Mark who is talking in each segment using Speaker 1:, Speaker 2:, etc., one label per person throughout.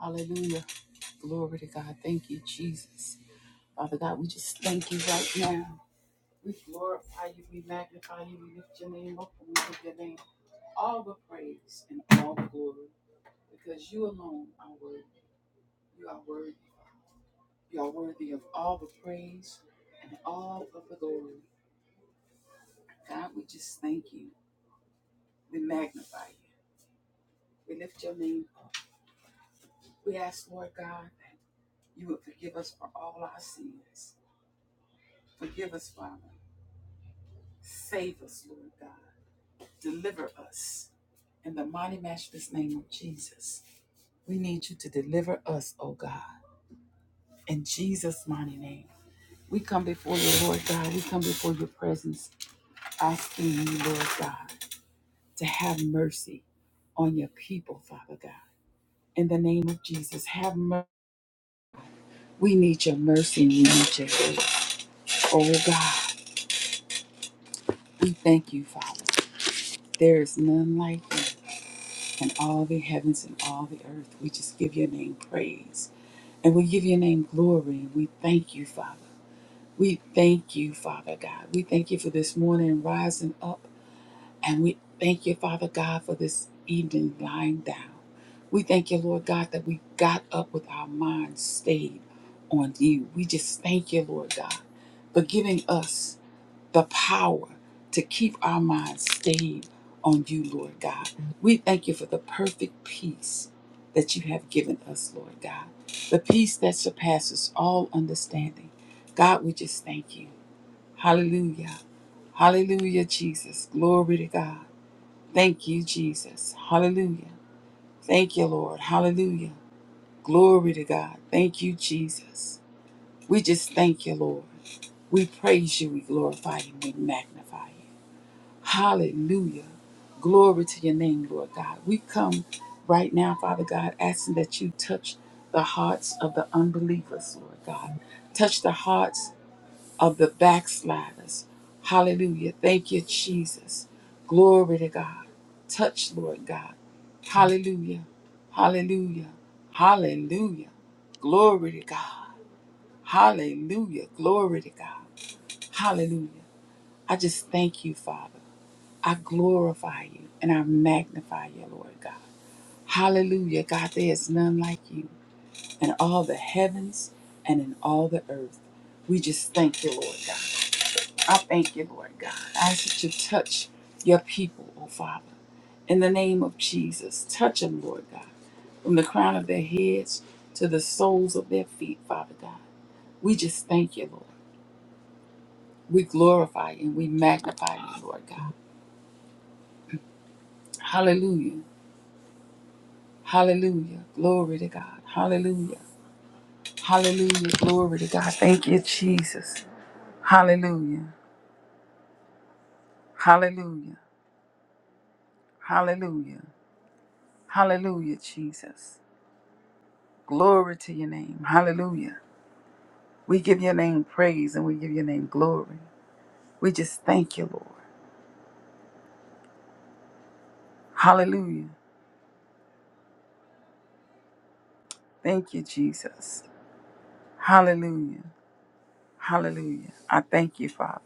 Speaker 1: Hallelujah. Glory to God. Thank you, Jesus. Father God, we just thank you right now. We glorify you, we magnify you, we lift your name up, and we give your name all the praise and all the glory because you alone are worthy. You are worthy. You are worthy of all the praise and all of the glory. God, we just thank you. We magnify you. We lift your name up. We ask, Lord God, that you would forgive us for all our sins. Forgive us, Father. Save us, Lord God. Deliver us in the mighty matchless name of Jesus. We need you to deliver us, oh God, in Jesus' mighty name. We come before you, Lord God. We come before your presence, asking you, Lord God, to have mercy on your people, Father God. In the name of Jesus, have mercy. We need your mercy and we need your grace. Oh God, we thank you, Father. There is none like you. and all the heavens and all the earth. We just give your name praise and we give your name glory we thank you, Father. We thank you, Father God. We thank you for this morning rising up and we thank you, Father God, for this evening lying down. We thank you, Lord God, that we got up with our minds stayed on you. We just thank you, Lord God, for giving us the power to keep our minds stayed on you, Lord God. We thank you for the perfect peace that you have given us, Lord God. The peace that surpasses all understanding. God, we just thank you. Hallelujah. Hallelujah, Jesus. Glory to God. Thank you, Jesus. Hallelujah. Thank you, Lord. Hallelujah. Glory to God. Thank you, Jesus. We just thank you, Lord. We praise you. We glorify you. We magnify you. Hallelujah. Glory to your name, Lord God. We come right now, Father God, asking that you touch the hearts of the unbelievers, Lord God. Touch the hearts of the backsliders. Hallelujah. Thank you, Jesus. Glory to God. Touch, Lord God. Hallelujah. Hallelujah. Hallelujah. Glory to God. Hallelujah. Glory to God. Hallelujah. I just thank you, Father. I glorify you and I magnify you, Lord God. Hallelujah, God, there is none like you in all the heavens and in all the earth. We just thank you, Lord God. I thank you, Lord God. I ask that you touch your people, oh Father. In the name of Jesus, touch them, Lord God, from the crown of their heads to the soles of their feet, Father God. We just thank you, Lord. We glorify you and we magnify you, Lord God. Hallelujah. Hallelujah. Glory to God. Hallelujah. Hallelujah. Glory to God. Thank you, Jesus. Hallelujah. Hallelujah. Hallelujah. Hallelujah, Jesus. Glory to your name. Hallelujah. We give your name praise and we give your name glory. We just thank you, Lord. Hallelujah. Thank you, Jesus. Hallelujah. Hallelujah. I thank you, Father.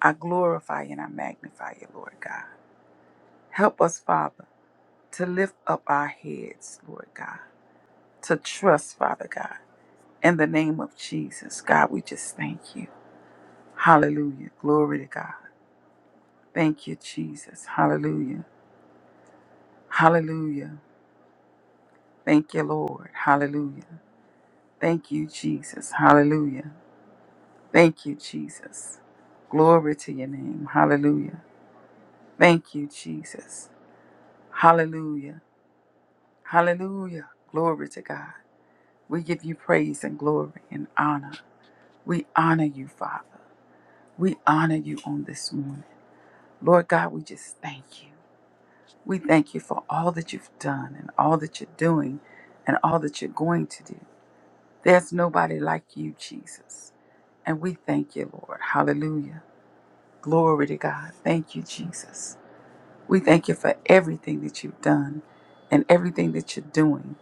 Speaker 1: I glorify you and I magnify you, Lord God. Help us, Father. to lift up our heads, Lord God, to trust, Father God. In the name of Jesus, God, we just thank you. Hallelujah. Glory to God. Thank you, Jesus. Hallelujah. Hallelujah. Thank you, Lord. Hallelujah. Thank you, Jesus. Hallelujah. Thank you, Jesus. Glory to your name. Hallelujah. Thank you, Jesus. Hallelujah. Hallelujah. Glory to God. We give you praise and glory and honor. We honor you, Father. We honor you on this morning. Lord God, we just thank you. We thank you for all that you've done and all that you're doing and all that you're going to do. There's nobody like you, Jesus. And we thank you, Lord. Hallelujah. Glory to God. Thank you, Jesus. We thank you for everything that you've done and everything that you're doing.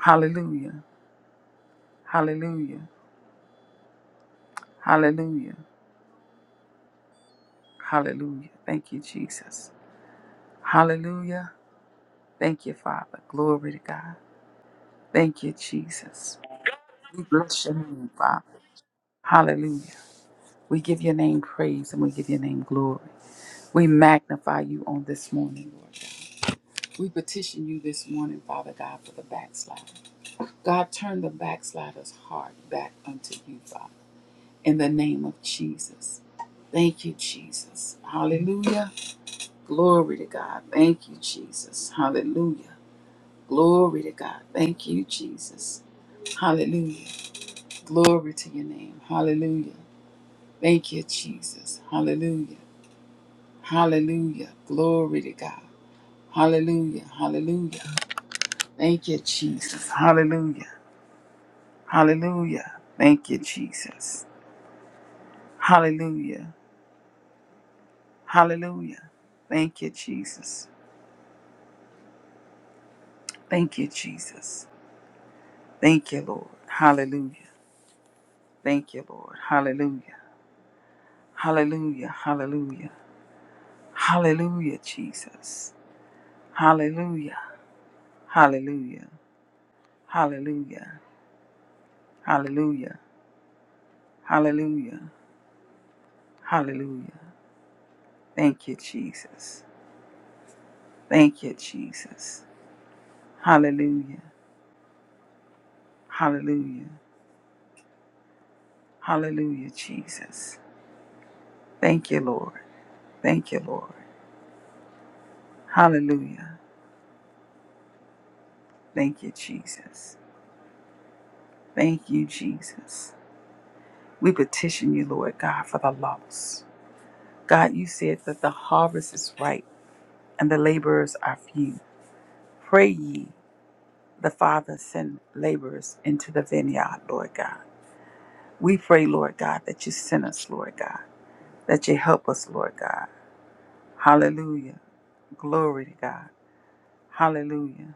Speaker 1: Hallelujah. Hallelujah. Hallelujah. Hallelujah. Thank you, Jesus. Hallelujah. Thank you, Father. Glory to God. Thank you, Jesus. We bless your name, Father. Hallelujah. We give your name praise and we give your name glory. We magnify you on this morning, Lord God. We petition you this morning, Father God, for the backslider. God, turn the backslider's heart back unto you, Father, in the name of Jesus. Thank you, Jesus. Hallelujah. Glory to God. Thank you, Jesus. Hallelujah. Glory to God. Thank you, Jesus. Hallelujah. Glory to your name. Hallelujah. Thank you, Jesus. Hallelujah. Hallelujah. Glory to God. Hallelujah. Hallelujah. Thank you, Jesus. Hallelujah. Hallelujah. Thank you, Jesus. Hallelujah. Hallelujah. Thank you, Jesus. Thank you, Jesus. Thank you, Lord. Hallelujah. Thank you, Lord. Hallelujah. Hallelujah. Hallelujah. Hallelujah, Jesus. Hallelujah. Hallelujah. Hallelujah. Hallelujah. Hallelujah. Hallelujah. Thank you, Jesus. Thank you, Jesus. Hallelujah. Hallelujah. Hallelujah, Jesus. Thank you, Lord. Thank you, Lord. Hallelujah. Thank you, Jesus. Thank you, Jesus. We petition you, Lord God, for the lost. God, you said that the harvest is ripe and the laborers are few. Pray ye the Father send laborers into the vineyard, Lord God. We pray, Lord God, that you send us, Lord God, that you help us, Lord God. Hallelujah. Glory to God. Hallelujah.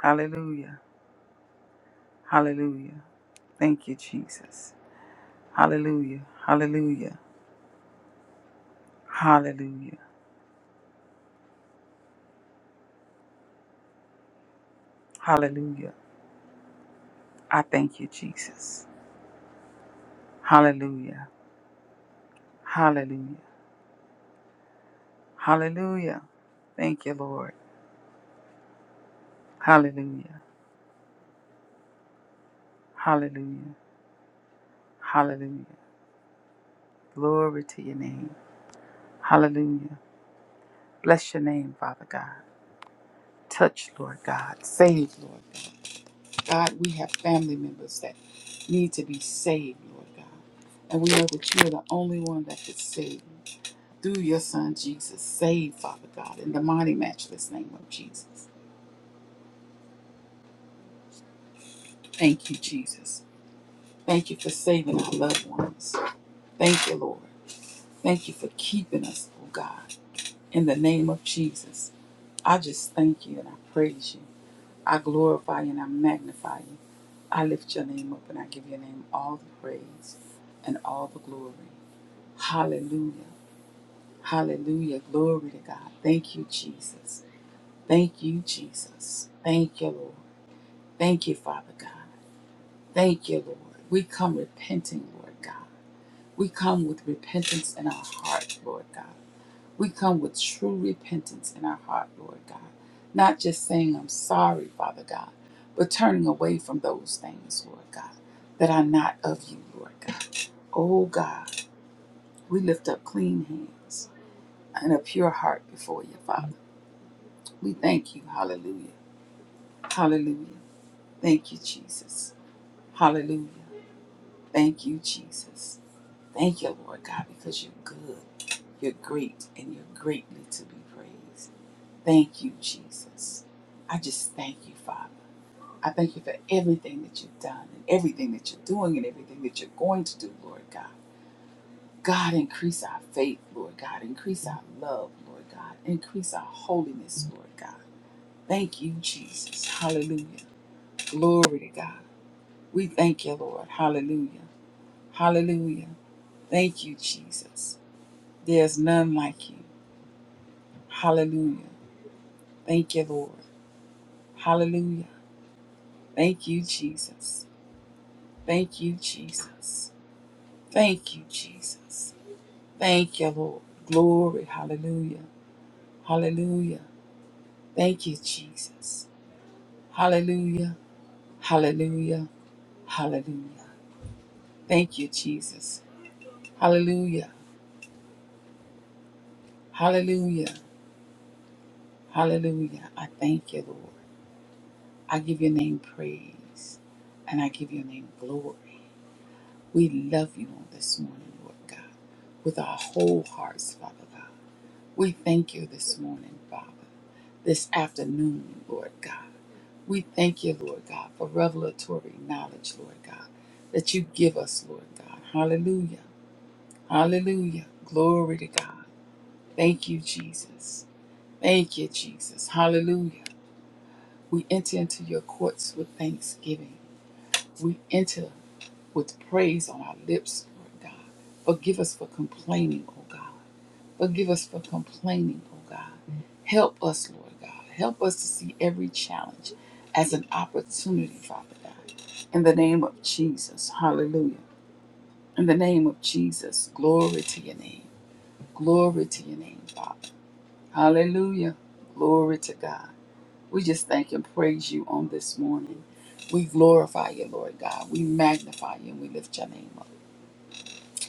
Speaker 1: Hallelujah. Hallelujah. Thank you, Jesus. Hallelujah. Hallelujah. Hallelujah. Hallelujah. I thank you, Jesus. Hallelujah. Hallelujah. Hallelujah. Thank you, Lord. Hallelujah. Hallelujah. Hallelujah. Glory to your name. Hallelujah. Bless your name, Father God. Touch, Lord God. Save, Lord God. God, we have family members that need to be saved, Lord God. And we know that you are the only one that can save through your son Jesus. Save, Father God, in the mighty, matchless name of Jesus. Thank you, Jesus. Thank you for saving our loved ones. Thank you, Lord. Thank you for keeping us, oh God, in the name of Jesus. I just thank you and I praise you. I glorify you and I magnify you. I lift your name up and I give your name all the praise and all the glory. Hallelujah. Hallelujah. Glory to God. Thank you, Jesus. Thank you, Jesus. Thank you, Lord. Thank you, Father God. Thank you, Lord. We come repenting, Lord God. We come with repentance in our heart, Lord God. We come with true repentance in our heart, Lord God. Not just saying, I'm sorry, Father God, but turning away from those things, Lord God, that are not of you, Lord God. Oh God, we lift up clean hands and a pure heart before you, Father. We thank you. Hallelujah. Hallelujah. Thank you, Jesus. Hallelujah. Thank you, Jesus. Thank you, Lord God, because you're good, you're great, and you're greatly to be praised. Thank you, Jesus. I just thank you, Father. I thank you for everything that you've done and everything that you're doing and everything that you're going to do, Lord God. God, increase our faith, Lord God. Increase our love, Lord God. Increase our holiness, Lord God. Thank you, Jesus. Hallelujah. Glory to God. We thank you, Lord. Hallelujah. Hallelujah. Thank you, Jesus. There's none like you. Hallelujah. Thank you, Lord. Hallelujah. Thank you, Jesus. Thank you, Jesus. Thank you, Jesus. Thank you, Lord. Glory. Hallelujah. Hallelujah. Thank you, Jesus. Hallelujah. Hallelujah. Hallelujah. Thank you, Jesus. Hallelujah. Hallelujah. Hallelujah. I thank you, Lord. I give your name praise and I give your name glory. We love you on this morning, Lord God, with our whole hearts, Father God. We thank you this morning, Father. this afternoon, Lord God. We thank you, Lord God, for revelatory knowledge, Lord God, that you give us, Lord God. Hallelujah. Hallelujah. Glory to God. Thank you, Jesus. Thank you, Jesus. Hallelujah. We enter into your courts with thanksgiving. We enter with praise on our lips, Lord God. Forgive us for complaining, oh God. Forgive us for complaining, oh God. Help us, Lord God. Help us to see every challenge as an opportunity, Father God. In the name of Jesus, hallelujah. In the name of Jesus, glory to your name. Glory to your name, Father. Hallelujah. Glory to God. We just thank and praise you on this morning. We glorify you, Lord God. We magnify you and we lift your name up.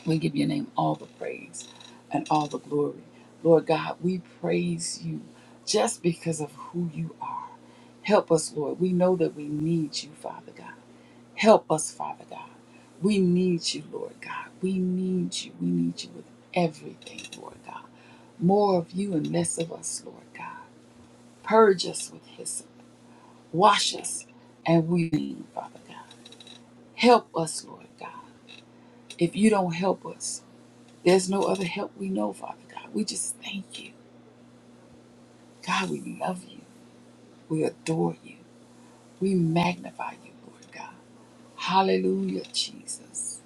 Speaker 1: We give your name all the praise and all the glory. Lord God, we praise you just because of who you are. Help us, Lord. We know that we need you, Father God. Help us, Father God. We need you, Lord God. We need you. We need you with everything, Lord God. More of you and less of us, Lord God. Purge us with hyssop. Wash us and we, need Father God. Help us, Lord God. If you don't help us, There's no other help we know, Father God. We just thank you. God, we love you. We adore you. We magnify you, Lord God. Hallelujah, Jesus.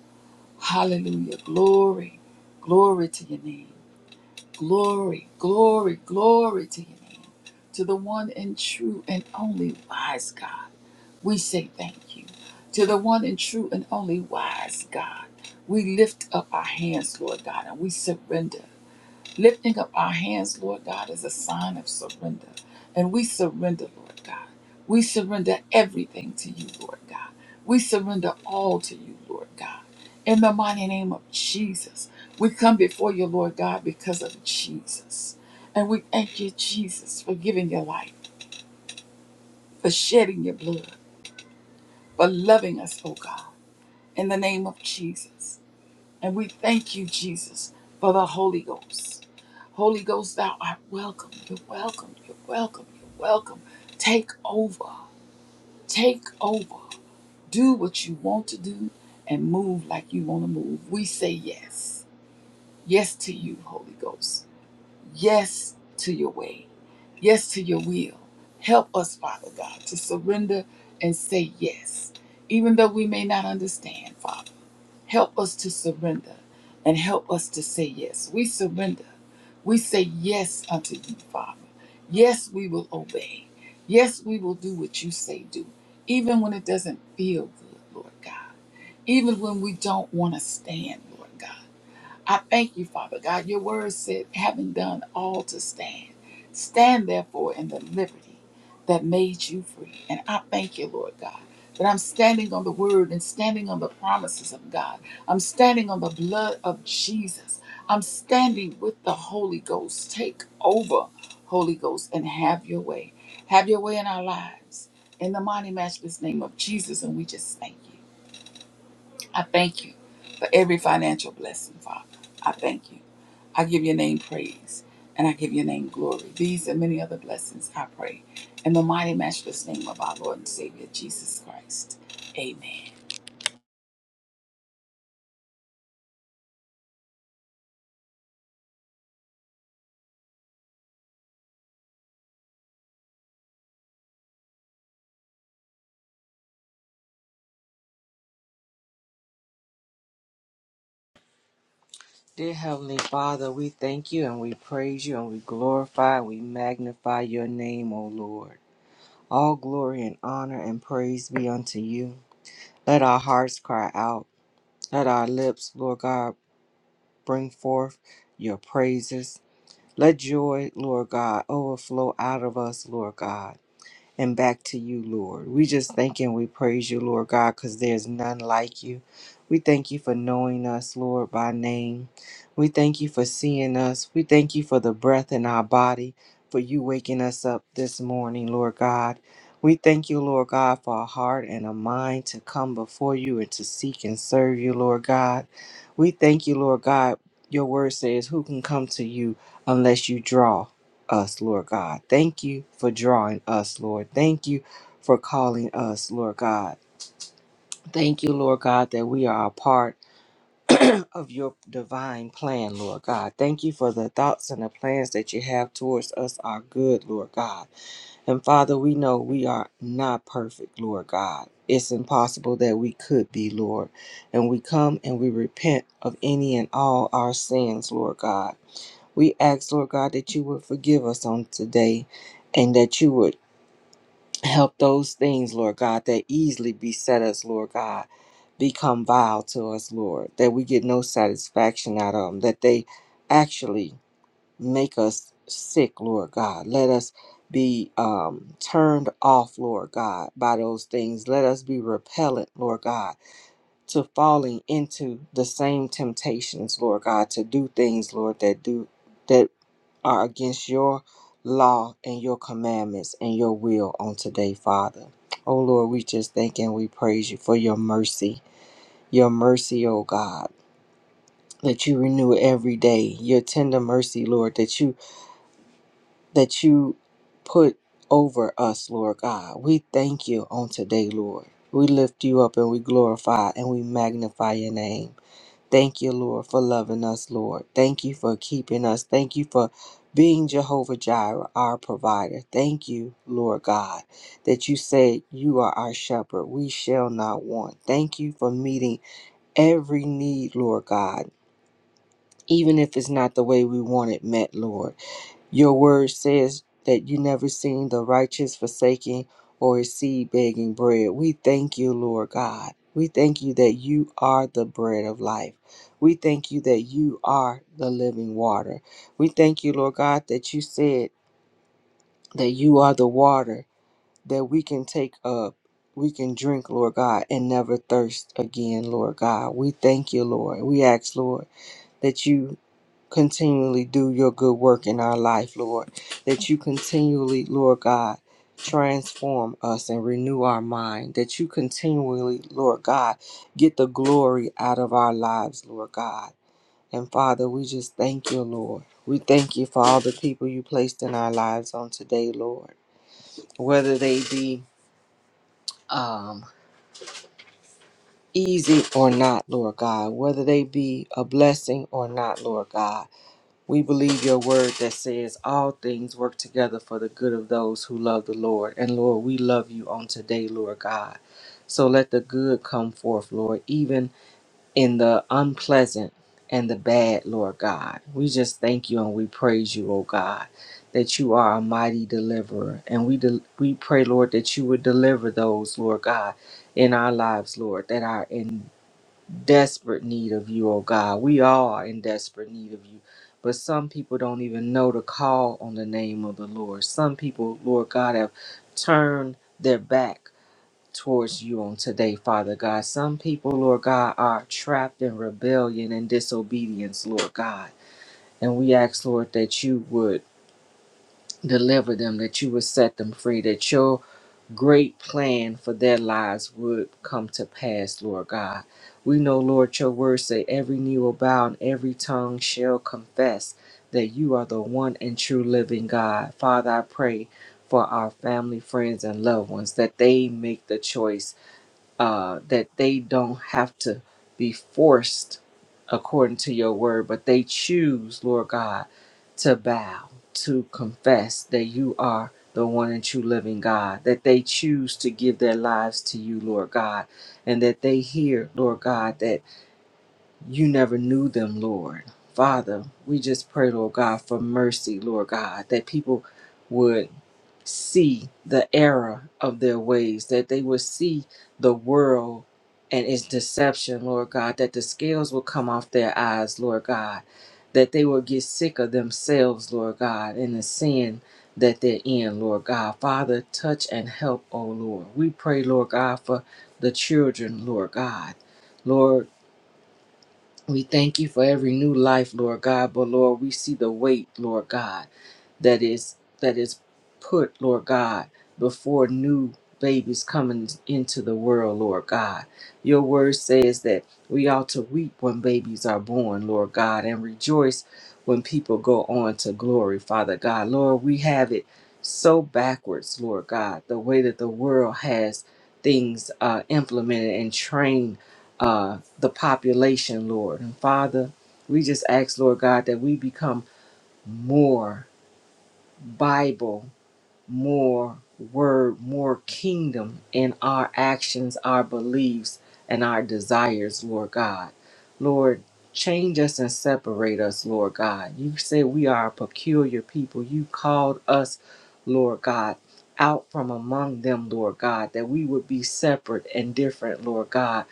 Speaker 1: Hallelujah. Glory. Glory to your name. Glory, glory, glory to your name. To the one and true and only wise God, we say thank you. To the one and true and only wise God, we lift up our hands, Lord God, and we surrender. Lifting up our hands, Lord God, is a sign of surrender. And we surrender, Lord God. We surrender everything to you, Lord God. We surrender all to you, Lord God. In the mighty name of Jesus, we come before you, Lord God, because of Jesus. And we thank you, Jesus, for giving your life, for shedding your blood, for loving us, oh God, in the name of Jesus. And we thank you, Jesus, for the Holy Ghost. Holy Ghost, thou art welcome. You're welcome. You're welcome. You're welcome. Take over. Take over. Do what you want to do and move like you want to move. We say yes. Yes to you, Holy Ghost. Yes to your way. Yes to your will. Help us, Father God, to surrender and say yes, even though we may not understand, Father. Help us to surrender and help us to say yes. We surrender. We say yes unto you, Father. Yes, we will obey. Yes, we will do what you say do, even when it doesn't feel good, Lord God. Even when we don't want to stand, Lord God. I thank you, Father God. Your word said, having done all to stand, stand therefore in the liberty that made you free. And I thank you, Lord God, that I'm standing on the word and standing on the promises of God. I'm standing on the blood of Jesus. I'm standing with the Holy Ghost. Take over, Holy Ghost, and have your way. Have your way in our lives. In the mighty, matchless name of Jesus, and we just thank you. I thank you for every financial blessing, Father. I thank you. I give your name praise and I give your name glory. These and many other blessings I pray in the mighty, matchless name of our Lord and Savior Jesus Christ. Amen.
Speaker 2: Dear Heavenly Father, we thank you and we praise you and we glorify and we magnify your name, O Lord. All glory and honor and praise be unto you. Let our hearts cry out. Let our lips, Lord God, bring forth your praises. Let joy, Lord God, overflow out of us, Lord God and back to you, Lord. We just thank and we praise you, Lord God, because there's none like you. We thank you for knowing us, Lord, by name. We thank you for seeing us. We thank you for the breath in our body, for you waking us up this morning, Lord God. We thank you, Lord God, for a heart and a mind to come before you and to seek and serve you, Lord God. We thank you, Lord God. Your word says, Who can come to you unless you draw? us, Lord God. Thank you for drawing us, Lord. Thank you for calling us, Lord God. Thank you, Lord God, that we are a part of your divine plan, Lord God. Thank you for the thoughts and the plans that you have towards us are good, Lord God. And Father, we know we are not perfect, Lord God. It's impossible that we could be, Lord. And we come and we repent of any and all our sins, Lord God. We ask, Lord God, that you would forgive us on today and that you would help those things, Lord God, that easily beset us, Lord God, become vile to us, Lord, that we get no satisfaction out of them, that they actually make us sick, Lord God. Let us be um, turned off, Lord God, by those things. Let us be repellent, Lord God, to falling into the same temptations, Lord God, to do things, Lord, that do. that are against your law and your commandments and your will on today, Father. Oh Lord, we just thank and we praise you for your mercy. Your mercy, oh God, that you renew every day. Your tender mercy, Lord, that you that you put over us, Lord God. We thank you on today, Lord. We lift you up and we glorify and we magnify your name. Thank you, Lord, for loving us, Lord. Thank you for keeping us. Thank you for being Jehovah Jireh, our provider. Thank you, Lord God, that you said you are our shepherd. We shall not want. Thank you for meeting every need, Lord God, even if it's not the way we want it met, Lord. Your word says that you never seen the righteous forsaken or his seed begging bread. We thank you, Lord God. We thank you that you are the bread of life. We thank you that you are the living water. We thank you, Lord God, that you said that you are the water that we can take up. We can drink, Lord God, and never thirst again, Lord God. We thank you, Lord. We ask, Lord, that you continually do your good work in our life, Lord. That you continually, Lord God, transform us and renew our mind. That you continually, Lord God, get the glory out of our lives, Lord God. And Father, we just thank you, Lord. We thank you for all the people you placed in our lives on today, Lord. Whether they be um, easy or not, Lord God. Whether they be a blessing or not, Lord God. We believe your word that says all things work together for the good of those who love the Lord. And Lord, we love you on today, Lord God. So let the good come forth, Lord, even in the unpleasant and the bad, Lord God. We just thank you and we praise you, oh God, that you are a mighty deliverer. And we del we pray, Lord, that you would deliver those, Lord God, in our lives, Lord, that are in desperate need of you, oh God. We are in desperate need of you. But some people don't even know to call on the name of the Lord. Some people, Lord God, have turned their back towards you on today, Father God. Some people, Lord God, are trapped in rebellion and disobedience, Lord God. And we ask, Lord, that you would deliver them, that you would set them free, that your great plan for their lives would come to pass, Lord God. We know, Lord, your word say every knee will bow and every tongue shall confess that you are the one and true living God. Father, I pray for our family, friends, and loved ones that they make the choice uh, that they don't have to be forced according to your word, but they choose, Lord God, to bow, to confess that you are the one and true living God, that they choose to give their lives to you, Lord God, and that they hear, Lord God, that you never knew them, Lord. Father, we just pray, Lord God, for mercy, Lord God, that people would see the error of their ways, that they would see the world and its deception, Lord God, that the scales will come off their eyes, Lord God, that they will get sick of themselves, Lord God, and the sin that they're in, Lord God. Father, touch and help, oh Lord. We pray, Lord God, for the children, Lord God. Lord, we thank you for every new life, Lord God, but Lord, we see the weight, Lord God that is that is put, Lord God, before new babies coming into the world, Lord God. Your word says that we ought to weep when babies are born, Lord God, and rejoice when people go on to glory, Father God. Lord, we have it so backwards, Lord God, the way that the world has things uh, implemented and trained uh, the population, Lord. And Father, we just ask, Lord God, that we become more. Bible, more word, more kingdom in our actions, our beliefs, and our desires, Lord God. Lord, change us and separate us, Lord God. You say we are a peculiar people. You called us, Lord God. Out from among them, Lord God, that we would be separate and different, Lord God,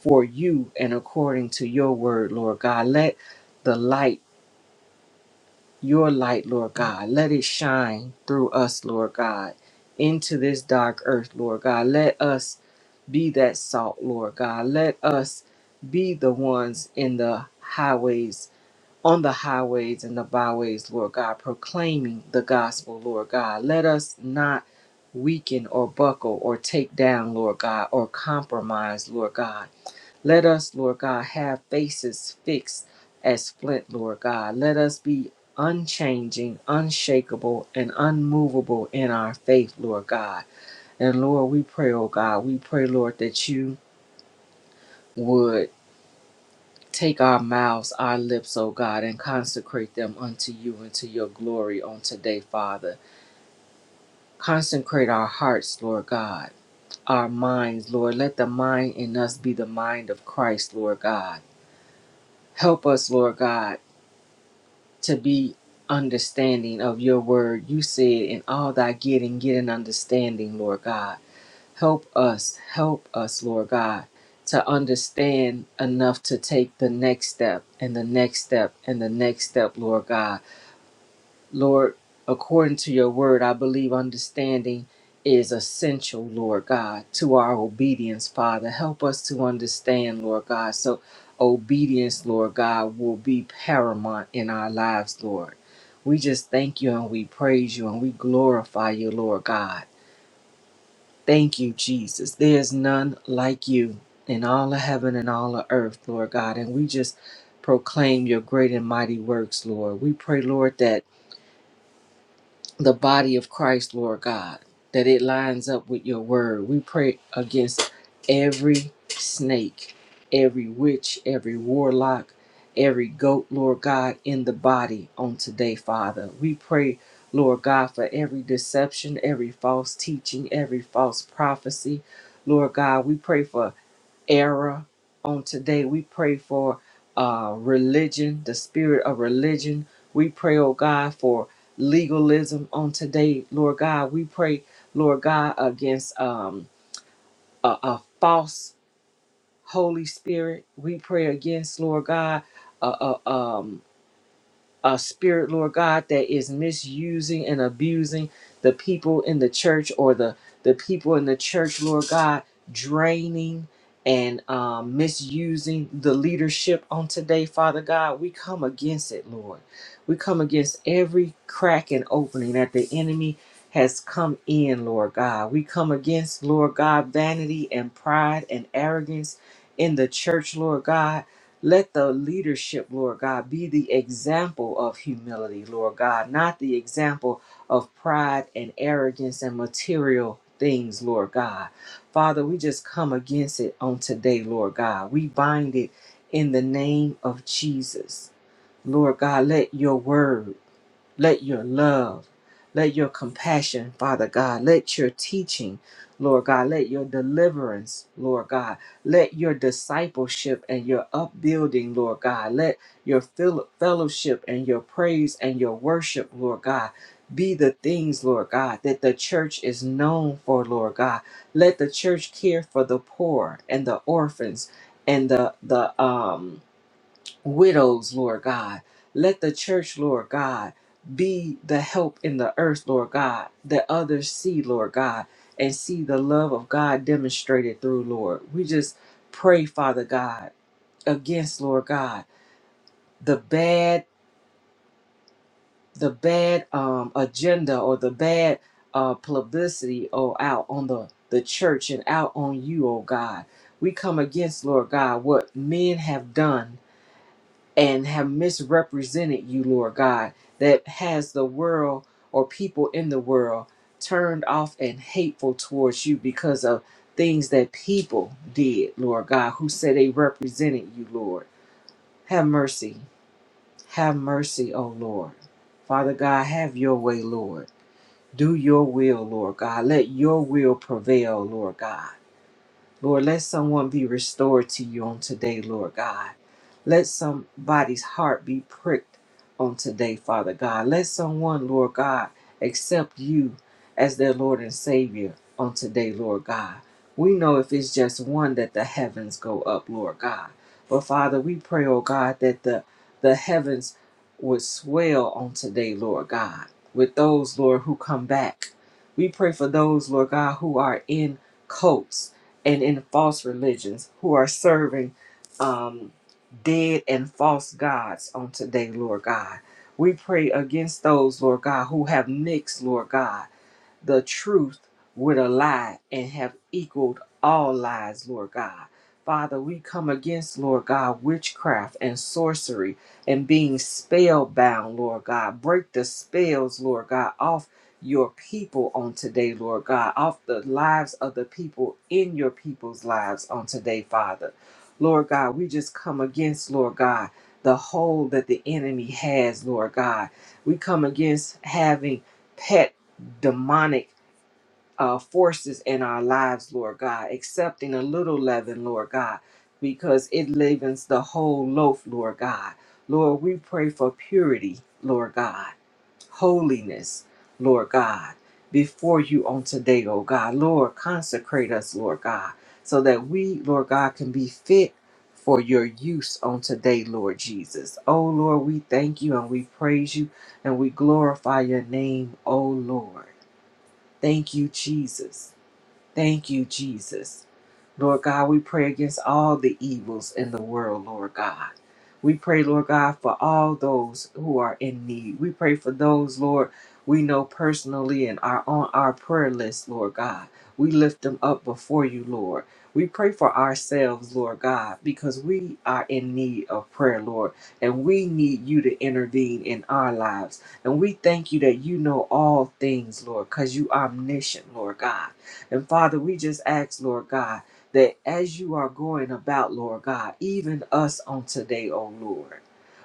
Speaker 2: for you and according to your word, Lord God. Let the light your light, Lord God. Let it shine through us, Lord God, into this dark earth, Lord God. Let us be that salt, Lord God. Let us be the ones in the highways, on the highways and the byways, Lord God, proclaiming the gospel, Lord God. Let us not weaken or buckle or take down, Lord God, or compromise, Lord God let us, Lord God, have faces fixed as flint, Lord God. Let us be unchanging, unshakable, and unmovable in our faith, Lord God. And Lord, we pray, oh God, we pray, Lord, that you would take our mouths, our lips, oh God, and consecrate them unto you and to your glory on today, Father. Consecrate our hearts, Lord God, our minds, Lord. Let the mind in us be the mind of Christ, Lord God. Help us, Lord God to be understanding of your word. You said, in all thy getting, get an understanding, Lord God. Help us, help us, Lord God, to understand enough to take the next step and the next step and the next step, Lord God Lord, according to your word, I believe understanding is essential, Lord God, to our obedience, Father. Help us to understand, Lord God. So obedience, Lord God, will be paramount in our lives, Lord. We just thank you and we praise you and we glorify you, Lord God. Thank you, Jesus. There is none like you in all of heaven and all of earth, Lord God. And we just proclaim your great and mighty works, Lord. We pray, Lord, that the body of Christ, Lord God, that it lines up with your word. We pray against every snake, every witch, every warlock, every goat, Lord God, in the body on today, Father. We pray, Lord God, for every deception, every false teaching, every false prophecy. Lord God, we pray for era on today. We pray for uh, religion, the spirit of religion. We pray, oh God, for legalism on today, Lord God. We pray, Lord God, against um, a, a false Holy Spirit. We pray against, Lord God, a a spirit, Lord God, that is misusing and abusing the people in the church or the, the people in the church, Lord God, draining and um, misusing the leadership on today, Father God. We come against it, Lord. We come against every crack and opening that the enemy has come in, Lord God. We come against, Lord God, vanity and pride and arrogance in the church, Lord God. Let the leadership, Lord God, be the example of humility, Lord God, not the example of pride and arrogance and material things, Lord God. Father, we just come against it on today, Lord God. We bind it in the name of Jesus. Lord God, let your word let your love, let your compassion, Father God, let your teaching, Lord God, let your deliverance, Lord God, let your discipleship and your upbuilding, Lord God, let your fel- fellowship and your praise and your worship, Lord God, be the things, Lord God, that the church is known for, Lord God. Let the church care for the poor and the orphans and the the um widows, Lord God. Let the church, Lord God, be the help in the earth, Lord God, that others see, Lord God, and see the love of God demonstrated through, Lord. We just pray, Father God, against, Lord God, the bad, the bad um, agenda or the bad uh, publicity, oh, out on the, the church and out on you, oh God. We come against, Lord God, what men have done and have misrepresented you, Lord God, that has the world or people in the world turned off and hateful towards you because of things that people did, Lord God, who said they represented you, Lord. Have mercy. Have mercy, O Lord. Father God, have your way, Lord. Do your will, Lord God. Let your will prevail, Lord God. Lord, let someone be restored to you on today, Lord God. Let somebody's heart be pricked on today, Father God. Let someone, Lord God, accept you as their Lord and Savior on today, Lord God. We know if it's just one that the heavens go up, Lord God. But Father, we pray, oh God, that the, the heavens would swell on today, Lord God, with those, Lord, who come back. We pray for those, Lord God, who are in cults and in false religions who are serving um, dead and false gods on today, Lord God. We pray against those, Lord God, who have mixed, Lord God the truth with a lie and have equaled all lies, Lord God. Father, we come against, Lord God, witchcraft and sorcery and being spellbound, Lord God. Break the spells, Lord God, off your people on today, Lord God, off the lives of the people in your people's lives on today, Father. Lord God, we just come against, Lord God, the hold that the enemy has, Lord God. We come against having pet demonic uh, forces in our lives, Lord God, accepting a little leaven, Lord God, because it leavens the whole loaf, Lord God. Lord, we pray for purity, Lord God, holiness, Lord God, before you on today, oh God. Lord, consecrate us, Lord God, so that we, Lord God, can be fit for your use on today, Lord Jesus. Oh Lord, we thank you and we praise you and we glorify your name, oh Lord. Thank you, Jesus. Thank you, Jesus. Lord God, we pray against all the evils in the world, Lord God. We pray, Lord God, for all those who are in need. We pray for those, Lord, we know personally and are on our prayer list, Lord God. We lift them up before you, Lord. We pray for ourselves, Lord God, because we are in need of prayer, Lord, and we need you to intervene in our lives. And we thank you that you know all things, Lord, because you omniscient, Lord God. And Father, we just ask, Lord God, that as you are going about, Lord God, even us on today, oh Lord,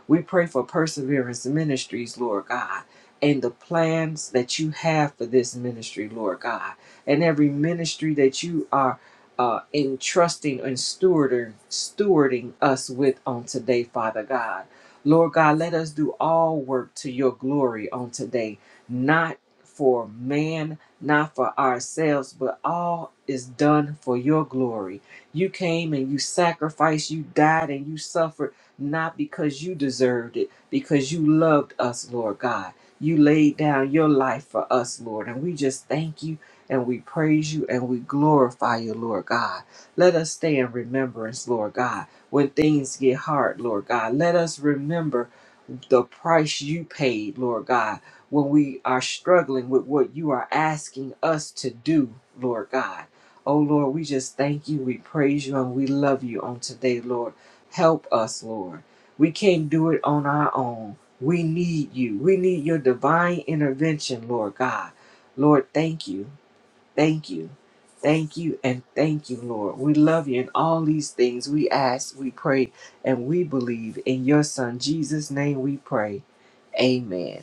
Speaker 2: we pray for Perseverance Ministries, Lord God, and the plans that you have for this ministry, Lord God, and every ministry that you are uh, entrusting and stewarding, stewarding us with on today, Father God. Lord God, let us do all work to your glory on today, not for man not for ourselves, but all is done for your glory. You came and you sacrificed, you died and you suffered, not because you deserved it, because you loved us, Lord God. You laid down your life for us, Lord. And we just thank you and we praise you and we glorify you, Lord God. Let us stay in remembrance, Lord God, when things get hard, Lord God. Let us remember the price you paid, Lord God when we are struggling with what you are asking us to do, Lord God. Oh Lord, we just thank you, we praise you, and we love you on today, Lord. Help us, Lord. We can't do it on our own. We need you. We need your divine intervention, Lord God. Lord, thank you. Thank you. Thank you and thank you, Lord. We love you in all these things. We ask, we pray, and we believe. In your Son, Jesus' name, we pray. Amen.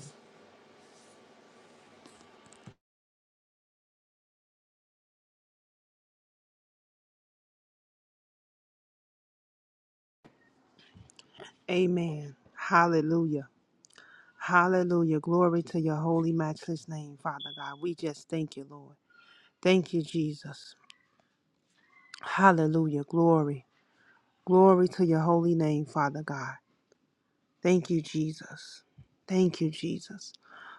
Speaker 3: Amen. Hallelujah. Hallelujah. Glory to your holy, matchless name, Father God. We just thank you, Lord. Thank you, Jesus. Hallelujah. Glory. Glory to your holy name, Father God. Thank you, Jesus. Thank you, Jesus.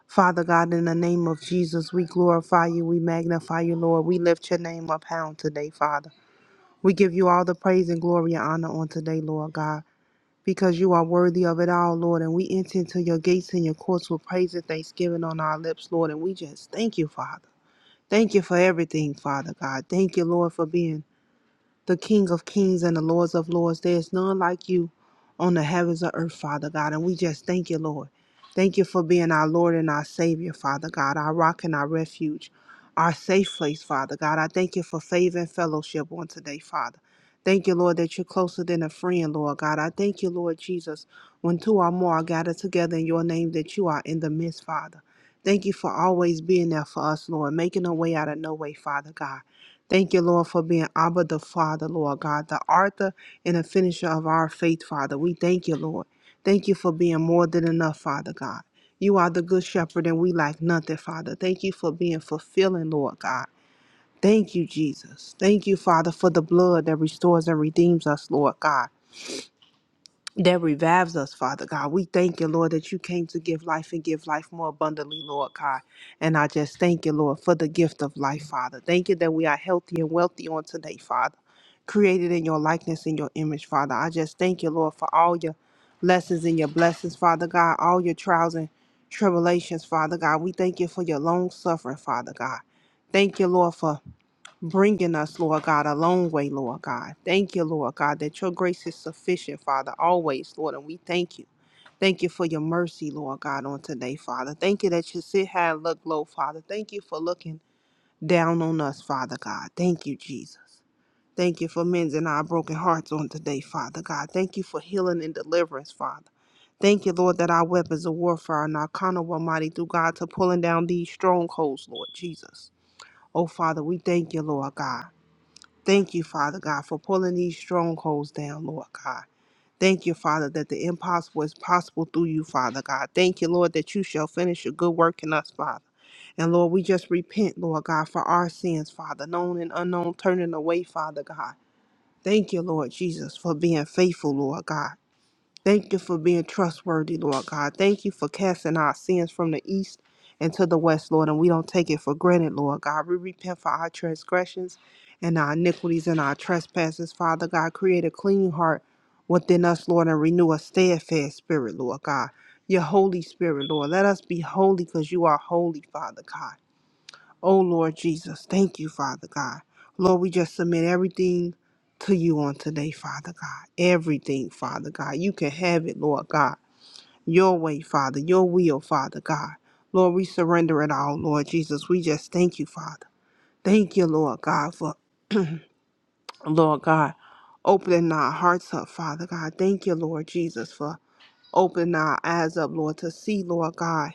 Speaker 3: Father God, in the name of Jesus, we glorify you. We magnify you, Lord. We lift your name up, hound, today, Father. We give you all the praise and glory and honor on today, Lord God. because you are worthy of it all, Lord. And we enter into your gates and your courts with praise and thanksgiving on our lips, Lord. And we just thank you, Father. Thank you for everything, Father God. Thank you, Lord, for being the King of Kings and the Lords of Lords. There is none like you on the heavens or earth, Father God. And we just thank you, Lord. Thank you for being our Lord and our Savior, Father God, our rock and our refuge, our safe place, Father God. I thank you for favor and fellowship on today, Father. Thank you, Lord, that you're closer than a friend, Lord God. I thank you, Lord Jesus, when two or more are gathered together in your name, that you are in the midst, Father. Thank you for always being there for us, Lord, making a way out of no way, Father God. Thank you, Lord, for being Abba the Father, Lord God, the author and the finisher of our faith, Father. We thank you, Lord. Thank you for being more than enough, Father God. You are the good shepherd, and we lack nothing, Father. Thank you for being fulfilling, Lord God. Thank you, Jesus. Thank you, Father, for the blood that restores and redeems us, Lord God that revives us, Father God. We thank you, Lord, that you came to give life and give life more abundantly, Lord God. And I just thank you, Lord, for the gift of life, Father. Thank you that we are healthy and wealthy on today, Father. Created in your likeness and your image, Father. I just thank you, Lord, for all your lessons and your blessings, Father God, all your trials and tribulations, Father God. We thank you for your long suffering, Father God. Thank you, Lord, for bringing us, Lord God, a long way, Lord God. Thank you, Lord God, that your grace is sufficient, Father, always, Lord, and we thank you. Thank you for your mercy, Lord God, on today, Father. Thank you that you sit high and look low, Father. Thank you for looking down on us, Father God. Thank you, Jesus. Thank you for mending our broken hearts on today, Father God. Thank you for healing and deliverance, Father. Thank you, Lord, that our weapons of warfare are not carnal, Almighty, through God, to pulling down these strongholds, Lord Jesus. Oh, Father, we thank you, Lord God. Thank you, Father God, for pulling these strongholds down, Lord God. Thank you, Father, that the impossible is possible through you, Father God. Thank you, Lord, that you shall finish your good work in us, Father. And Lord, we just repent, Lord God, for our sins, Father, known and unknown, turning away, Father God. Thank you, Lord Jesus, for being faithful, Lord God. Thank you for being trustworthy, Lord God. Thank you for casting our sins from the east and to the west, Lord. And we don't take it for granted, Lord God. We repent for our transgressions and our iniquities and our trespasses, Father God. Create a clean heart within us, Lord, and renew a steadfast spirit, Lord God. Your Holy Spirit, Lord. Let us be holy because you are holy, Father God. Oh Lord Jesus, thank you, Father God. Lord, we just submit everything to you on today, Father God. Everything, Father God. You can have it, Lord God. Your way, Father. Your will, Father God. Lord, we surrender it all, Lord Jesus. We just thank you, Father. Thank you, Lord God, for Lord God, opening our hearts up, Father God. Thank you, Lord Jesus, for opening our eyes up, Lord, to see, Lord God,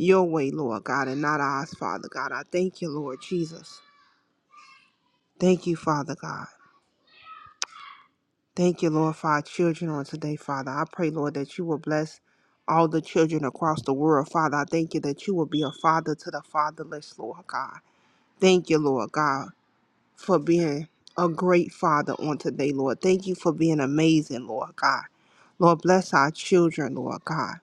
Speaker 3: your way, Lord God, and not ours, Father God. I thank you, Lord Jesus. Thank you, Father God. Thank you, Lord, for our children on today, Father. I pray, Lord, that you will bless all the children across the world, Father. I thank you that you will be a father to the fatherless, Lord God. Thank you, Lord God, for being a great father on today, Lord. Thank you for being amazing, Lord God. Lord, bless our children, Lord God.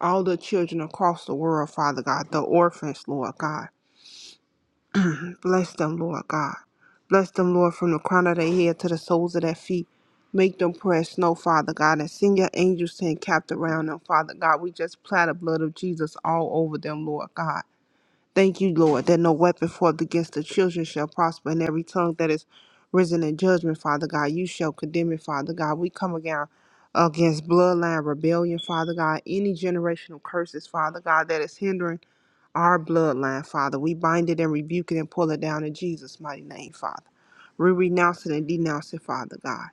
Speaker 3: All the children across the world, Father God, the orphans, Lord God. Bless them, Lord God. Bless them, Lord, from the crown of their head to the soles of their feet. Make them press snow, Father God, and send your angels to encamped around them, Father God. We just apply the blood of Jesus all over them, Lord God. Thank you, Lord, that no weapon formed against the children shall prosper, and every tongue that is risen in judgment, Father God, you shall condemn it, Father God. We come again against bloodline rebellion, Father God, any generational curses, Father God, that is hindering our bloodline, Father. We bind it and rebuke it and pull it down in Jesus' mighty name, Father. We renounce it and denounce it, Father God.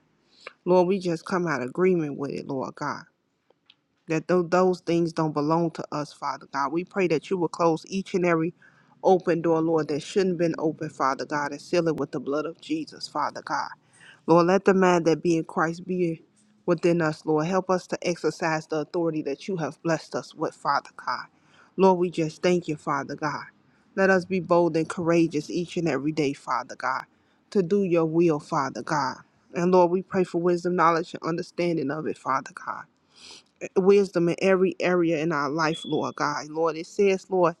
Speaker 3: Lord, we just come out of agreement with it, Lord God. That tho- those things don't belong to us, Father God. We pray that you will close each and every open door, Lord, that shouldn't have been open, Father God, and seal it with the blood of Jesus, Father God. Lord, let the man that be in Christ be within us, Lord. Help us to exercise the authority that you have blessed us with, Father God. Lord, we just thank you, Father God. Let us be bold and courageous each and every day, Father God, to do your will, Father God. And Lord, we pray for wisdom, knowledge, and understanding of it, Father God. Wisdom in every area in our life, Lord God. Lord, it says, Lord,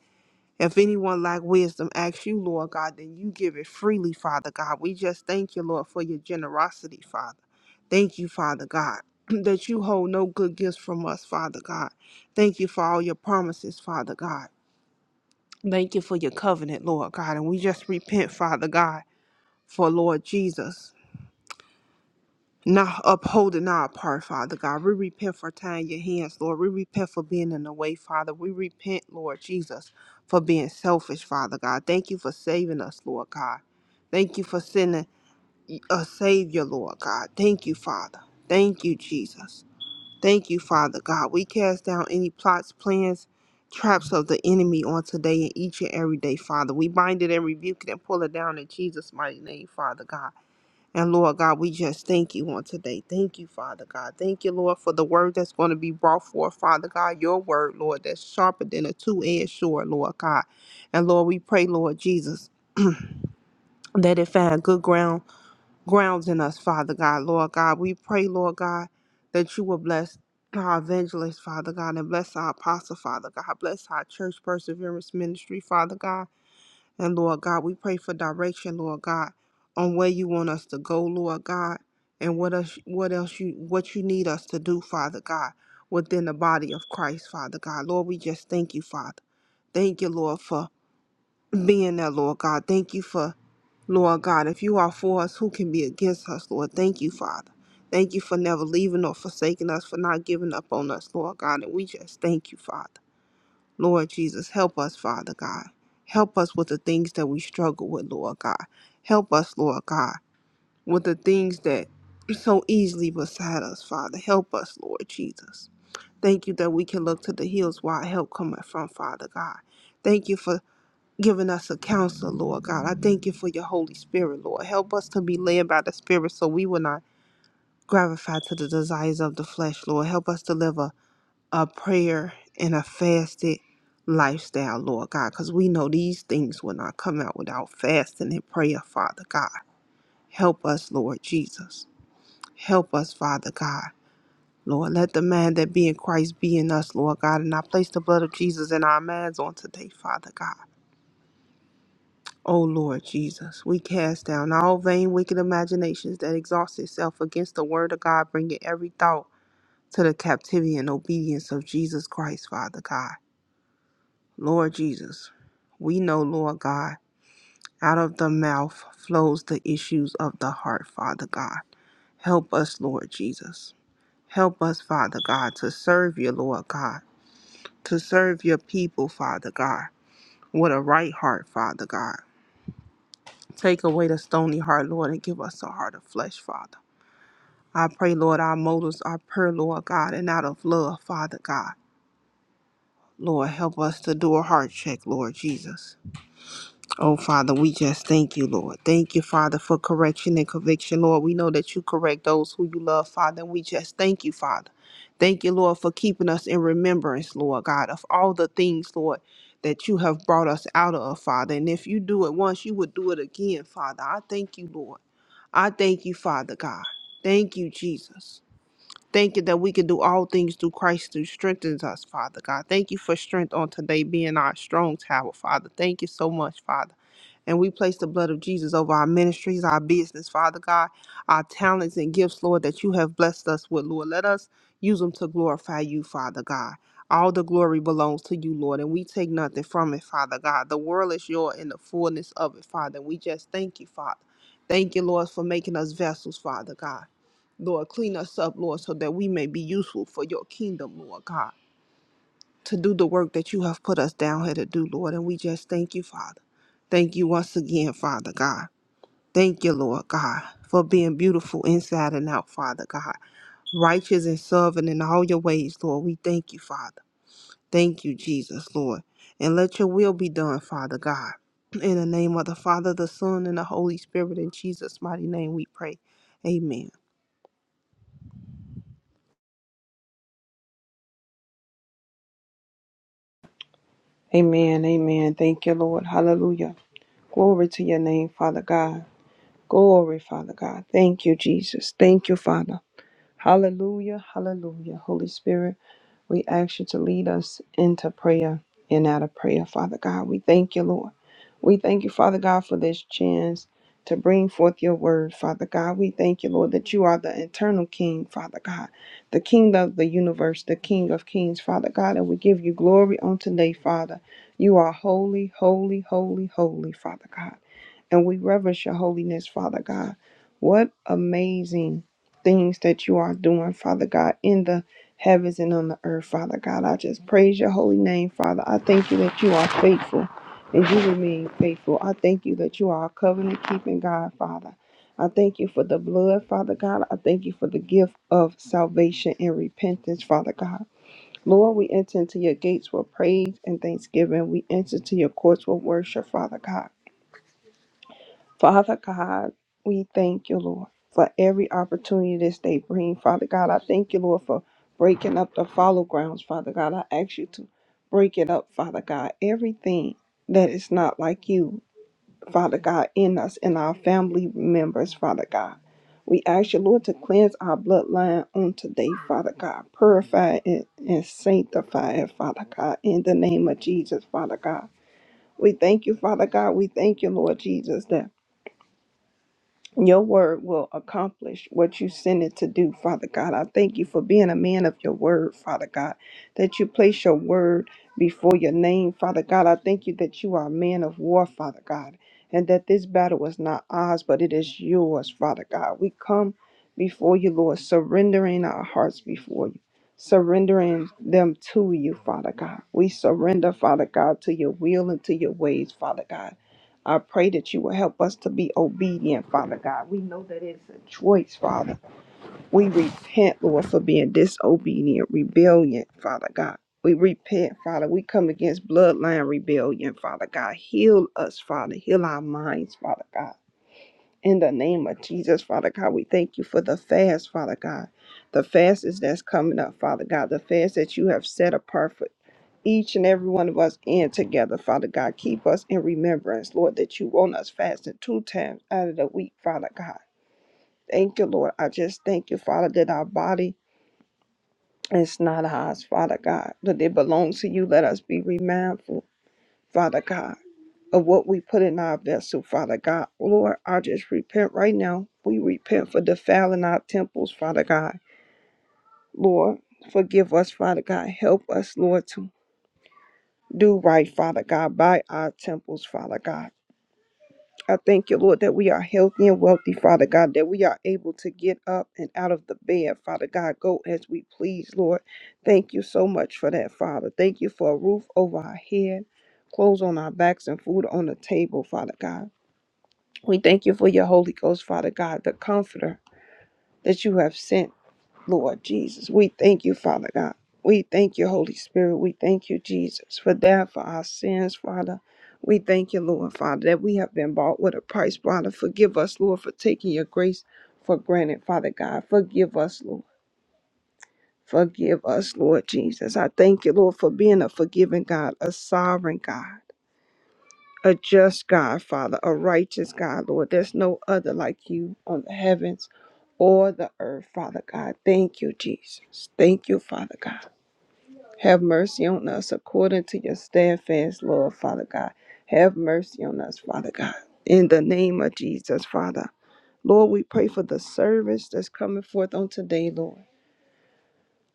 Speaker 3: if anyone lack wisdom, ask you, Lord God, then you give it freely, Father God. We just thank you, Lord, for your generosity, Father. Thank you, Father God, that you hold no good gifts from us, Father God. Thank you for all your promises, Father God. Thank you for your covenant, Lord God. And we just repent, Father God, for Lord Jesus not upholding our part, Father God. We repent for tying your hands, Lord. We repent for being in the way, Father. We repent, Lord Jesus, for being selfish, Father God. Thank you for saving us, Lord God. Thank you for sending a Savior, Lord God. Thank you, Father. Thank you, Jesus. Thank you, Father God. We cast down any plots, plans, traps of the enemy on today and each and every day, Father. We bind it and rebuke it and pull it down in Jesus' mighty name, Father God. And Lord God, we just thank you on today. Thank you, Father God. Thank you, Lord, for the word that's going to be brought forth, Father God. Your word, Lord, that's sharper than a two edged sword, Lord God. And Lord, we pray, Lord Jesus, that it find good ground grounds in us, Father God, Lord God. We pray, Lord God, that you will bless our evangelist, Father God, and bless our apostle, Father God. Bless our church perseverance ministry, Father God. And Lord God, we pray for direction, Lord God, on where you want us to go, Lord God, and what else what else you what you need us to do, Father God, within the body of Christ, Father God. Lord, we just thank you, Father. Thank you, Lord, for being there, Lord God. Thank you for Lord God. If you are for us, who can be against us, Lord? Thank you, Father. Thank you for never leaving or forsaking us, for not giving up on us, Lord God. And we just thank you, Father. Lord Jesus, help us, Father God. Help us with the things that we struggle with, Lord God. Help us, Lord God, with the things that are so easily beside us, Father. Help us, Lord Jesus. Thank you that we can look to the hills where our help cometh from, Father God. Thank you for giving us a counselor, Lord God. I thank you for your Holy Spirit, Lord. Help us to be led by the Spirit so we will not gratify to the desires of the flesh, Lord. Help us to live a a prayer and a fasted lifestyle, Lord God, because we know these things will not come out without fasting and prayer, Father God. Help us, Lord Jesus. Help us, Father God. Lord, let the man that be in Christ be in us, Lord God, and I place the blood of Jesus in our minds on today, Father God. O Lord Jesus, we cast down all vain, wicked imaginations that exhaust itself against the word of God, bringing every thought to the captivity and obedience of Jesus Christ, Father God. Lord Jesus, we know, Lord God, out of the mouth flows the issues of the heart, Father God. Help us, Lord Jesus. Help us, Father God, to serve you, Lord God, to serve your people, Father God, with a right heart, Father God. Take away the stony heart, Lord, and give us a heart of flesh, Father. I pray, Lord, our motives are pure, Lord God, and out of love, Father God. Lord, help us to do a heart check, Lord Jesus. Oh, Father, we just thank you, Lord. Thank you, Father, for correction and conviction, Lord. We know that you correct those who you love, Father, and we just thank you, Father. Thank you, Lord, for keeping us in remembrance, Lord God, of all the things, Lord, that you have brought us out of, Father. And if you do it once, you would do it again, Father. I thank you, Lord. I thank you, Father God. Thank you, Jesus. Thank you that we can do all things through Christ who strengthens us, Father God. Thank you for strength on today being our strong tower, Father. Thank you so much, Father. And we place the blood of Jesus over our ministries, our business, Father God, our talents and gifts, Lord, that you have blessed us with, Lord. Let us use them to glorify you, Father God. All the glory belongs to you, Lord, and we take nothing from it, Father God. The world is yours in the fullness of it, Father. We just thank you, Father. Thank you, Lord, for making us vessels, Father God. Lord, clean us up, Lord, so that we may be useful for your kingdom, Lord God to do the work that you have put us down here to do, Lord. And we just thank you, Father. Thank you once again, Father God. Thank you, Lord God, for being beautiful inside and out, Father God. Righteous and serving in all your ways, Lord. We thank you, Father. Thank you, Jesus, Lord. And let your will be done, Father God. In the name of the Father, the Son, and the Holy Spirit, in Jesus' mighty name we pray. Amen.
Speaker 4: Amen. Amen. Thank you, Lord. Hallelujah. Glory to your name, Father God. Glory, Father God. Thank you, Jesus. Thank you, Father. Hallelujah. Hallelujah. Holy Spirit. We ask you to lead us into prayer and out of prayer, Father God. We thank you, Lord. We thank you, Father God, for this chance to bring forth your word, Father God. We thank you, Lord, that you are the eternal King, Father God, the King of the universe, the King of kings, Father God. And we give you glory on today, Father. You are holy, holy, holy, holy, Father God and we reverence your holiness, Father God. What amazing things that you are doing, Father God, in the heavens and on the earth, Father God. I just praise your holy name, Father. I thank you that you are faithful and you remain faithful. I thank you that you are a covenant keeping God, Father. I thank you for the blood, Father God. I thank you for the gift of salvation and repentance, Father God. Lord, we enter into your gates with praise and thanksgiving. We enter to your courts with worship, Father God. Father God, we thank you, Lord, for every opportunity this day bring. Father God, I thank you, Lord, for breaking up the follow grounds. Father God, I ask you to break it up, Father God. Everything that is not like you, Father God, in us and our family members, Father God. We ask you, Lord, to cleanse our bloodline on today, Father God. Purify it and sanctify it, Father God, in the name of Jesus, Father God. We thank you, Father God. We thank you, Lord Jesus, that your word will accomplish what you send it to do, Father God. I thank you for being a man of your word, Father God, that you place your word before your name, Father God. I thank you that you are a man of war, Father God, and that this battle is not ours, but it is yours, Father God. We come before you, Lord, surrendering our hearts before you, surrendering them to you, Father God. We surrender, Father God, to your will and to your ways, Father God. I pray that you will help us to be obedient, Father God. We know that it's a choice, Father. We repent, Lord, for being disobedient, rebellion, Father God. We repent, Father. We come against bloodline rebellion, Father God. Heal us, Father. Heal our minds, Father God. In the name of Jesus, Father God, we thank you for the fast, Father God. The fast is that's coming up, Father God. The fast that you have set apart for each and every one of us in together, Father God. Keep us in remembrance, Lord, that you want us fasting two times out of the week, Father God. Thank you, Lord. I just thank you, Father, that our body is not ours, Father God, but it belongs to you. Let us be remindful, Father God, of what we put in our vessel, Father God. Lord, I just repent right now. We repent for defiling our temples, Father God. Lord, forgive us, Father God. Help us, Lord, to do right, Father God, by our temples, Father God. I thank you, Lord, that we are healthy and wealthy, Father God, that we are able to get up and out of the bed, Father God, go as we please, Lord. Thank you so much for that, Father. Thank you for a roof over our head, clothes on our backs, and food on the table, Father God. We thank you for your Holy Ghost, Father God, the comforter that you have sent. Lord Jesus. We thank you, Father God. We thank you, Holy Spirit. We thank you, Jesus, for that, for our sins, Father. We thank you, Lord, Father, that we have been bought with a price, Father. Forgive us, Lord, for taking your grace for granted, Father God. Forgive us, Lord. Forgive us, Lord Jesus. I thank you, Lord, for being a forgiving God, a sovereign God a just God, Father, a righteous God, Lord. There's no other like you on the heavens or the earth, Father God. Thank you, Jesus. Thank you, Father God. Have mercy on us according to your steadfast love, Father God. Have mercy on us, Father God. In the name of Jesus, Father. Lord, we pray for the service that's coming forth on today, Lord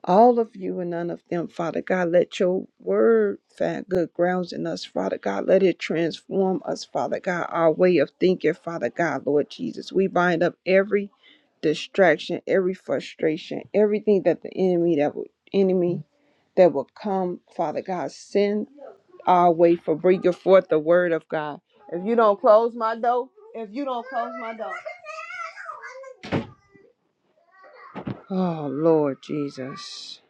Speaker 4: all of you and none of them, Father God. Let your word find good grounds in us, Father God. Let it transform us, Father God, our way of thinking, Father God, Lord Jesus. We bind up every distraction, every frustration, everything that the enemy that would enemy that will come, Father God, send our way for bringing forth the word of God. If you don't close my door, if you don't close my door. Oh Lord Jesus.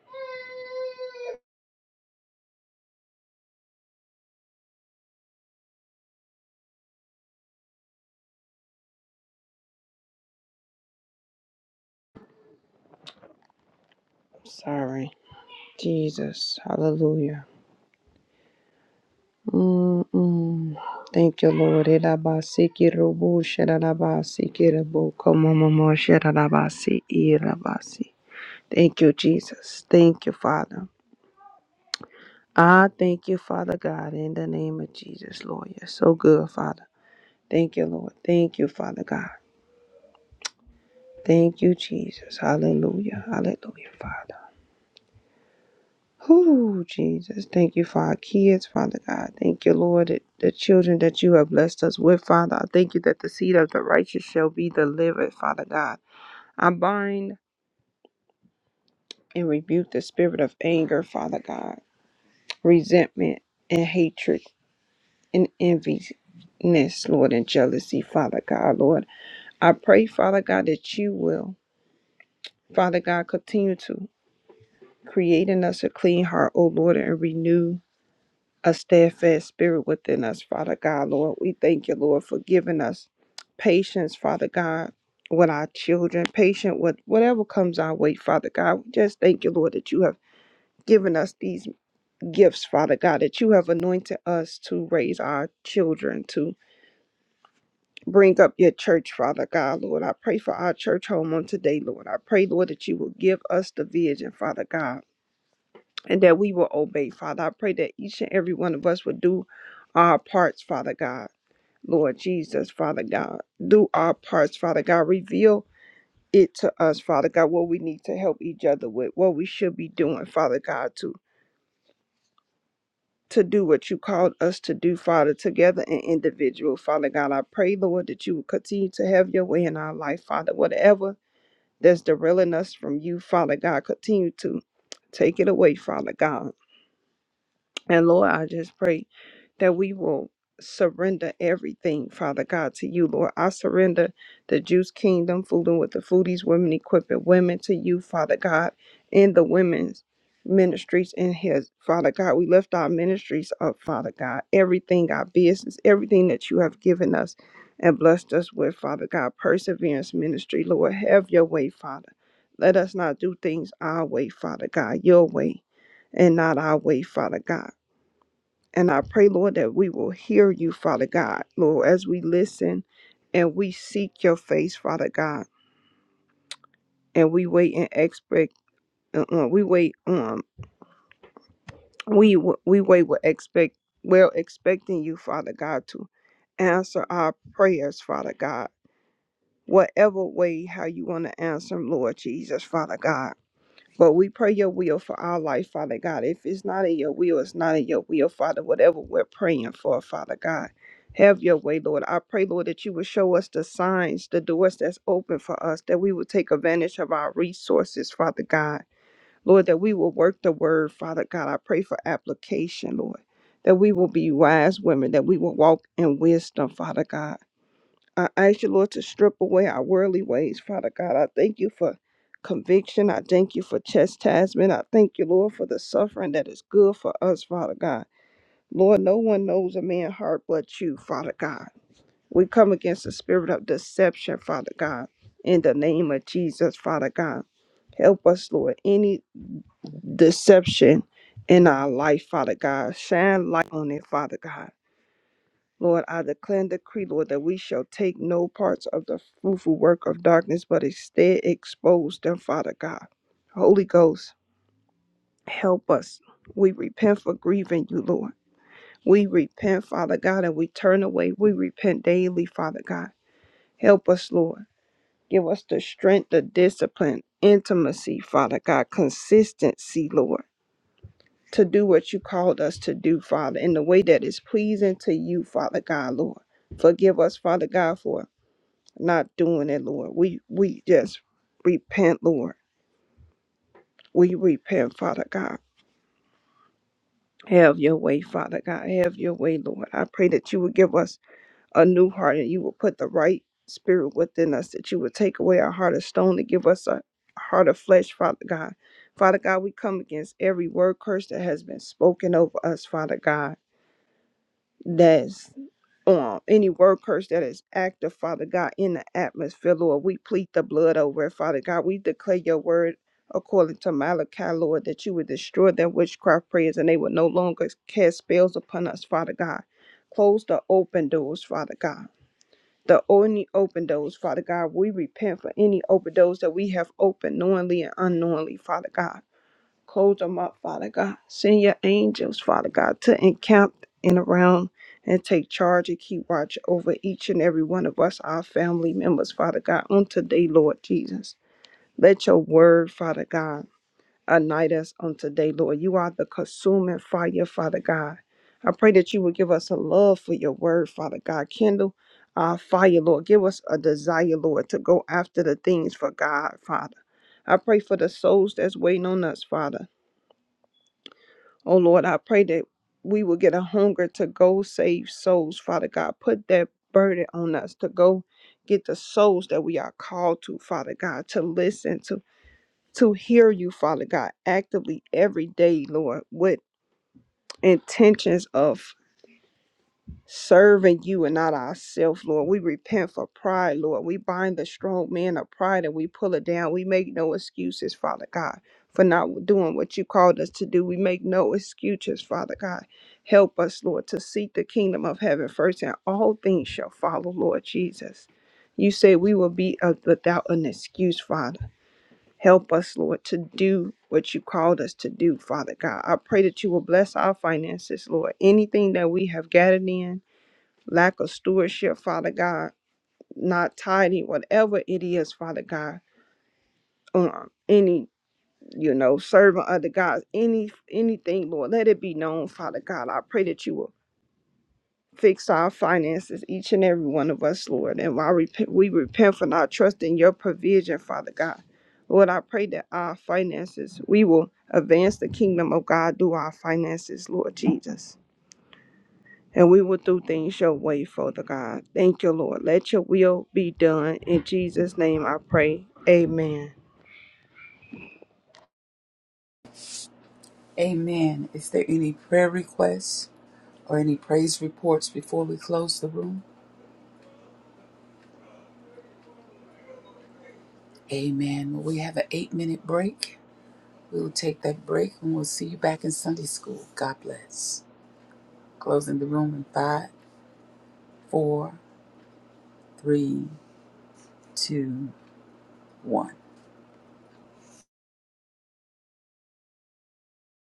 Speaker 4: Sorry. Jesus. Hallelujah. Mm-mm. Thank you, Lord. Irabasiki rubu shirabasi kirabo. komomomo shirabasi irabasi. Thank you, Jesus. Thank you, Father. I thank you, Father God, in the name of Jesus, Lord. You're so good, Father. Thank you, Lord. Thank you, Father God. Thank you, Jesus. Hallelujah. Hallelujah, Father. Whoo, Jesus. Thank you for our kids, Father God. Thank you, Lord, that the children that you have blessed us with, Father. I thank you that the seed of the righteous shall be delivered, Father God. I bind and rebuke the spirit of anger, Father God, resentment and hatred and enviness, Lord, and jealousy, Father God, Lord. I pray, Father God, that you will, Father God, continue to create in us a clean heart, O Lord, and renew a steadfast spirit within us, Father God, Lord. We thank you, Lord, for giving us patience, Father God, with our children, patient with whatever comes our way, Father God. We just thank you, Lord, that you have given us these gifts, Father God, that you have anointed us to raise our children, to bring up your church, Father God, Lord. I pray for our church home on today, Lord. I pray, Lord, that you will give us the vision, Father God. And that we will obey, Father. I pray that each and every one of us would do our parts, Father God Lord Jesus, Father God. Do our parts, Father God. Reveal it to us, Father God, what we need to help each other with, what we should be doing, Father God, to to do what you called us to do, Father, together and individual, Father God. I pray, Lord, that you will continue to have your way in our life, Father. Whatever that's derailing us from you, Father God, continue to take it away, Father God. And Lord, I just pray that we will surrender everything, Father God, to you, Lord. I surrender the Juice Kingdom, Fooling with the Foodies, Women Equipping Women to you, Father God, in the women's ministries in his Father God. We lift our ministries up, Father God. Everything, our business, everything that you have given us and blessed us with, Father God. Perseverance ministry, Lord, have your way, Father. Let us not do things our way, Father God, your way, and not our way, Father God. And I pray, Lord, that we will hear you, Father God, Lord, as we listen and we seek your face, Father God, and we wait and expect. Uh, uh, we wait. Um, we w- we wait with expect. Well, expecting you, Father God, to answer our prayers, Father God. Whatever way how you want to answer 'em, Lord Jesus, Father God. But we pray your will for our life, Father God. If it's not in your will, it's not in your will, Father. Whatever we're praying for, Father God. Have your way, Lord. I pray, Lord, that you would show us the signs, the doors that's open for us, that we will take advantage of our resources, Father God. Lord, that we will work the word, Father God. I pray for application, Lord. That we will be wise women, that we will walk in wisdom, Father God. I ask you, Lord, to strip away our worldly ways, Father God. I thank you for conviction. I thank you for chastisement. I thank you, Lord, for the suffering that is good for us, Father God. Lord, no one knows a man's heart but you, Father God. We come against the spirit of deception, Father God, in the name of Jesus, Father God. Help us, Lord, any deception in our life, Father God. Shine light on it, Father God. Lord, I declare and decree, Lord, that we shall take no parts of the fruitful work of darkness, but instead expose them, Father God. Holy Ghost, help us. We repent for grieving you, Lord. We repent, Father God, and we turn away. We repent daily, Father God. Help us, Lord. Give us the strength, the discipline, intimacy, Father God, consistency, Lord, to do what you called us to do, Father, in the way that is pleasing to you, Father God, Lord. Forgive us, Father God, for not doing it, Lord. We we just repent, Lord. We repent, Father God. Have your way, Father God. Have your way, Lord. I pray that you would give us a new heart and you would put the right spirit within us, that you would take away our heart of stone and give us a heart of flesh, Father God. Father God, we come against every word curse that has been spoken over us, Father God. Yes. um, any word curse that is active, Father God, in the atmosphere, Lord. We plead the blood over it, Father God. We declare your word according to Malachi, Lord, that you would destroy their witchcraft prayers and they would no longer cast spells upon us, Father God. Close the open doors, Father God. The only open doors, Father God, we repent for any open doors that we have opened knowingly and unknowingly, Father God. Close them up, Father God. Send your angels, Father God, to encamp and around and take charge and keep watch over each and every one of us, our family members, Father God, on today, Lord Jesus. Let your word, Father God, ignite us on today, Lord. You are the consuming fire, Father God. I pray that you will give us a love for your word, Father God. Kindle our fire, Lord. Give us a desire, Lord, to go after the things for God, Father. I pray for the souls that's waiting on us, Father. Oh Lord, I pray that we will get a hunger to go save souls, Father God. Put that burden on us to go get the souls that we are called to, Father God, to listen to, to hear you, Father God, actively every day, Lord, with intentions of serving you and not ourselves, Lord. We repent for pride, Lord. We bind the strong man of pride and we pull it down. We make no excuses, Father God, for not doing what you called us to do. We make no excuses, Father God. Help us, Lord, to seek the kingdom of heaven first, and all things shall follow, Lord Jesus. You say we will be of- without an excuse, Father. Help us, Lord, to do what you called us to do, Father God. I pray that you will bless our finances, Lord. Anything that we have gathered in, lack of stewardship, Father God, not tidy, whatever it is, Father God, um, any, you know, serving other gods, any anything, Lord, let it be known, Father God. I pray that you will fix our finances, each and every one of us, Lord. And while repent, we repent for not trusting your provision, Father God. Lord, I pray that our finances, we will advance the kingdom of God through our finances, Lord Jesus. and we will do things your way, Father God. Thank you, Lord. Let your will be done. In Jesus' name I pray. Amen.
Speaker 1: Amen. Is there any prayer requests or any praise reports before we close the room? Amen. Well, we have an eight minute break. We will take that break and we'll see you back in Sunday school. God bless. Closing the room in five, four, three, two, one.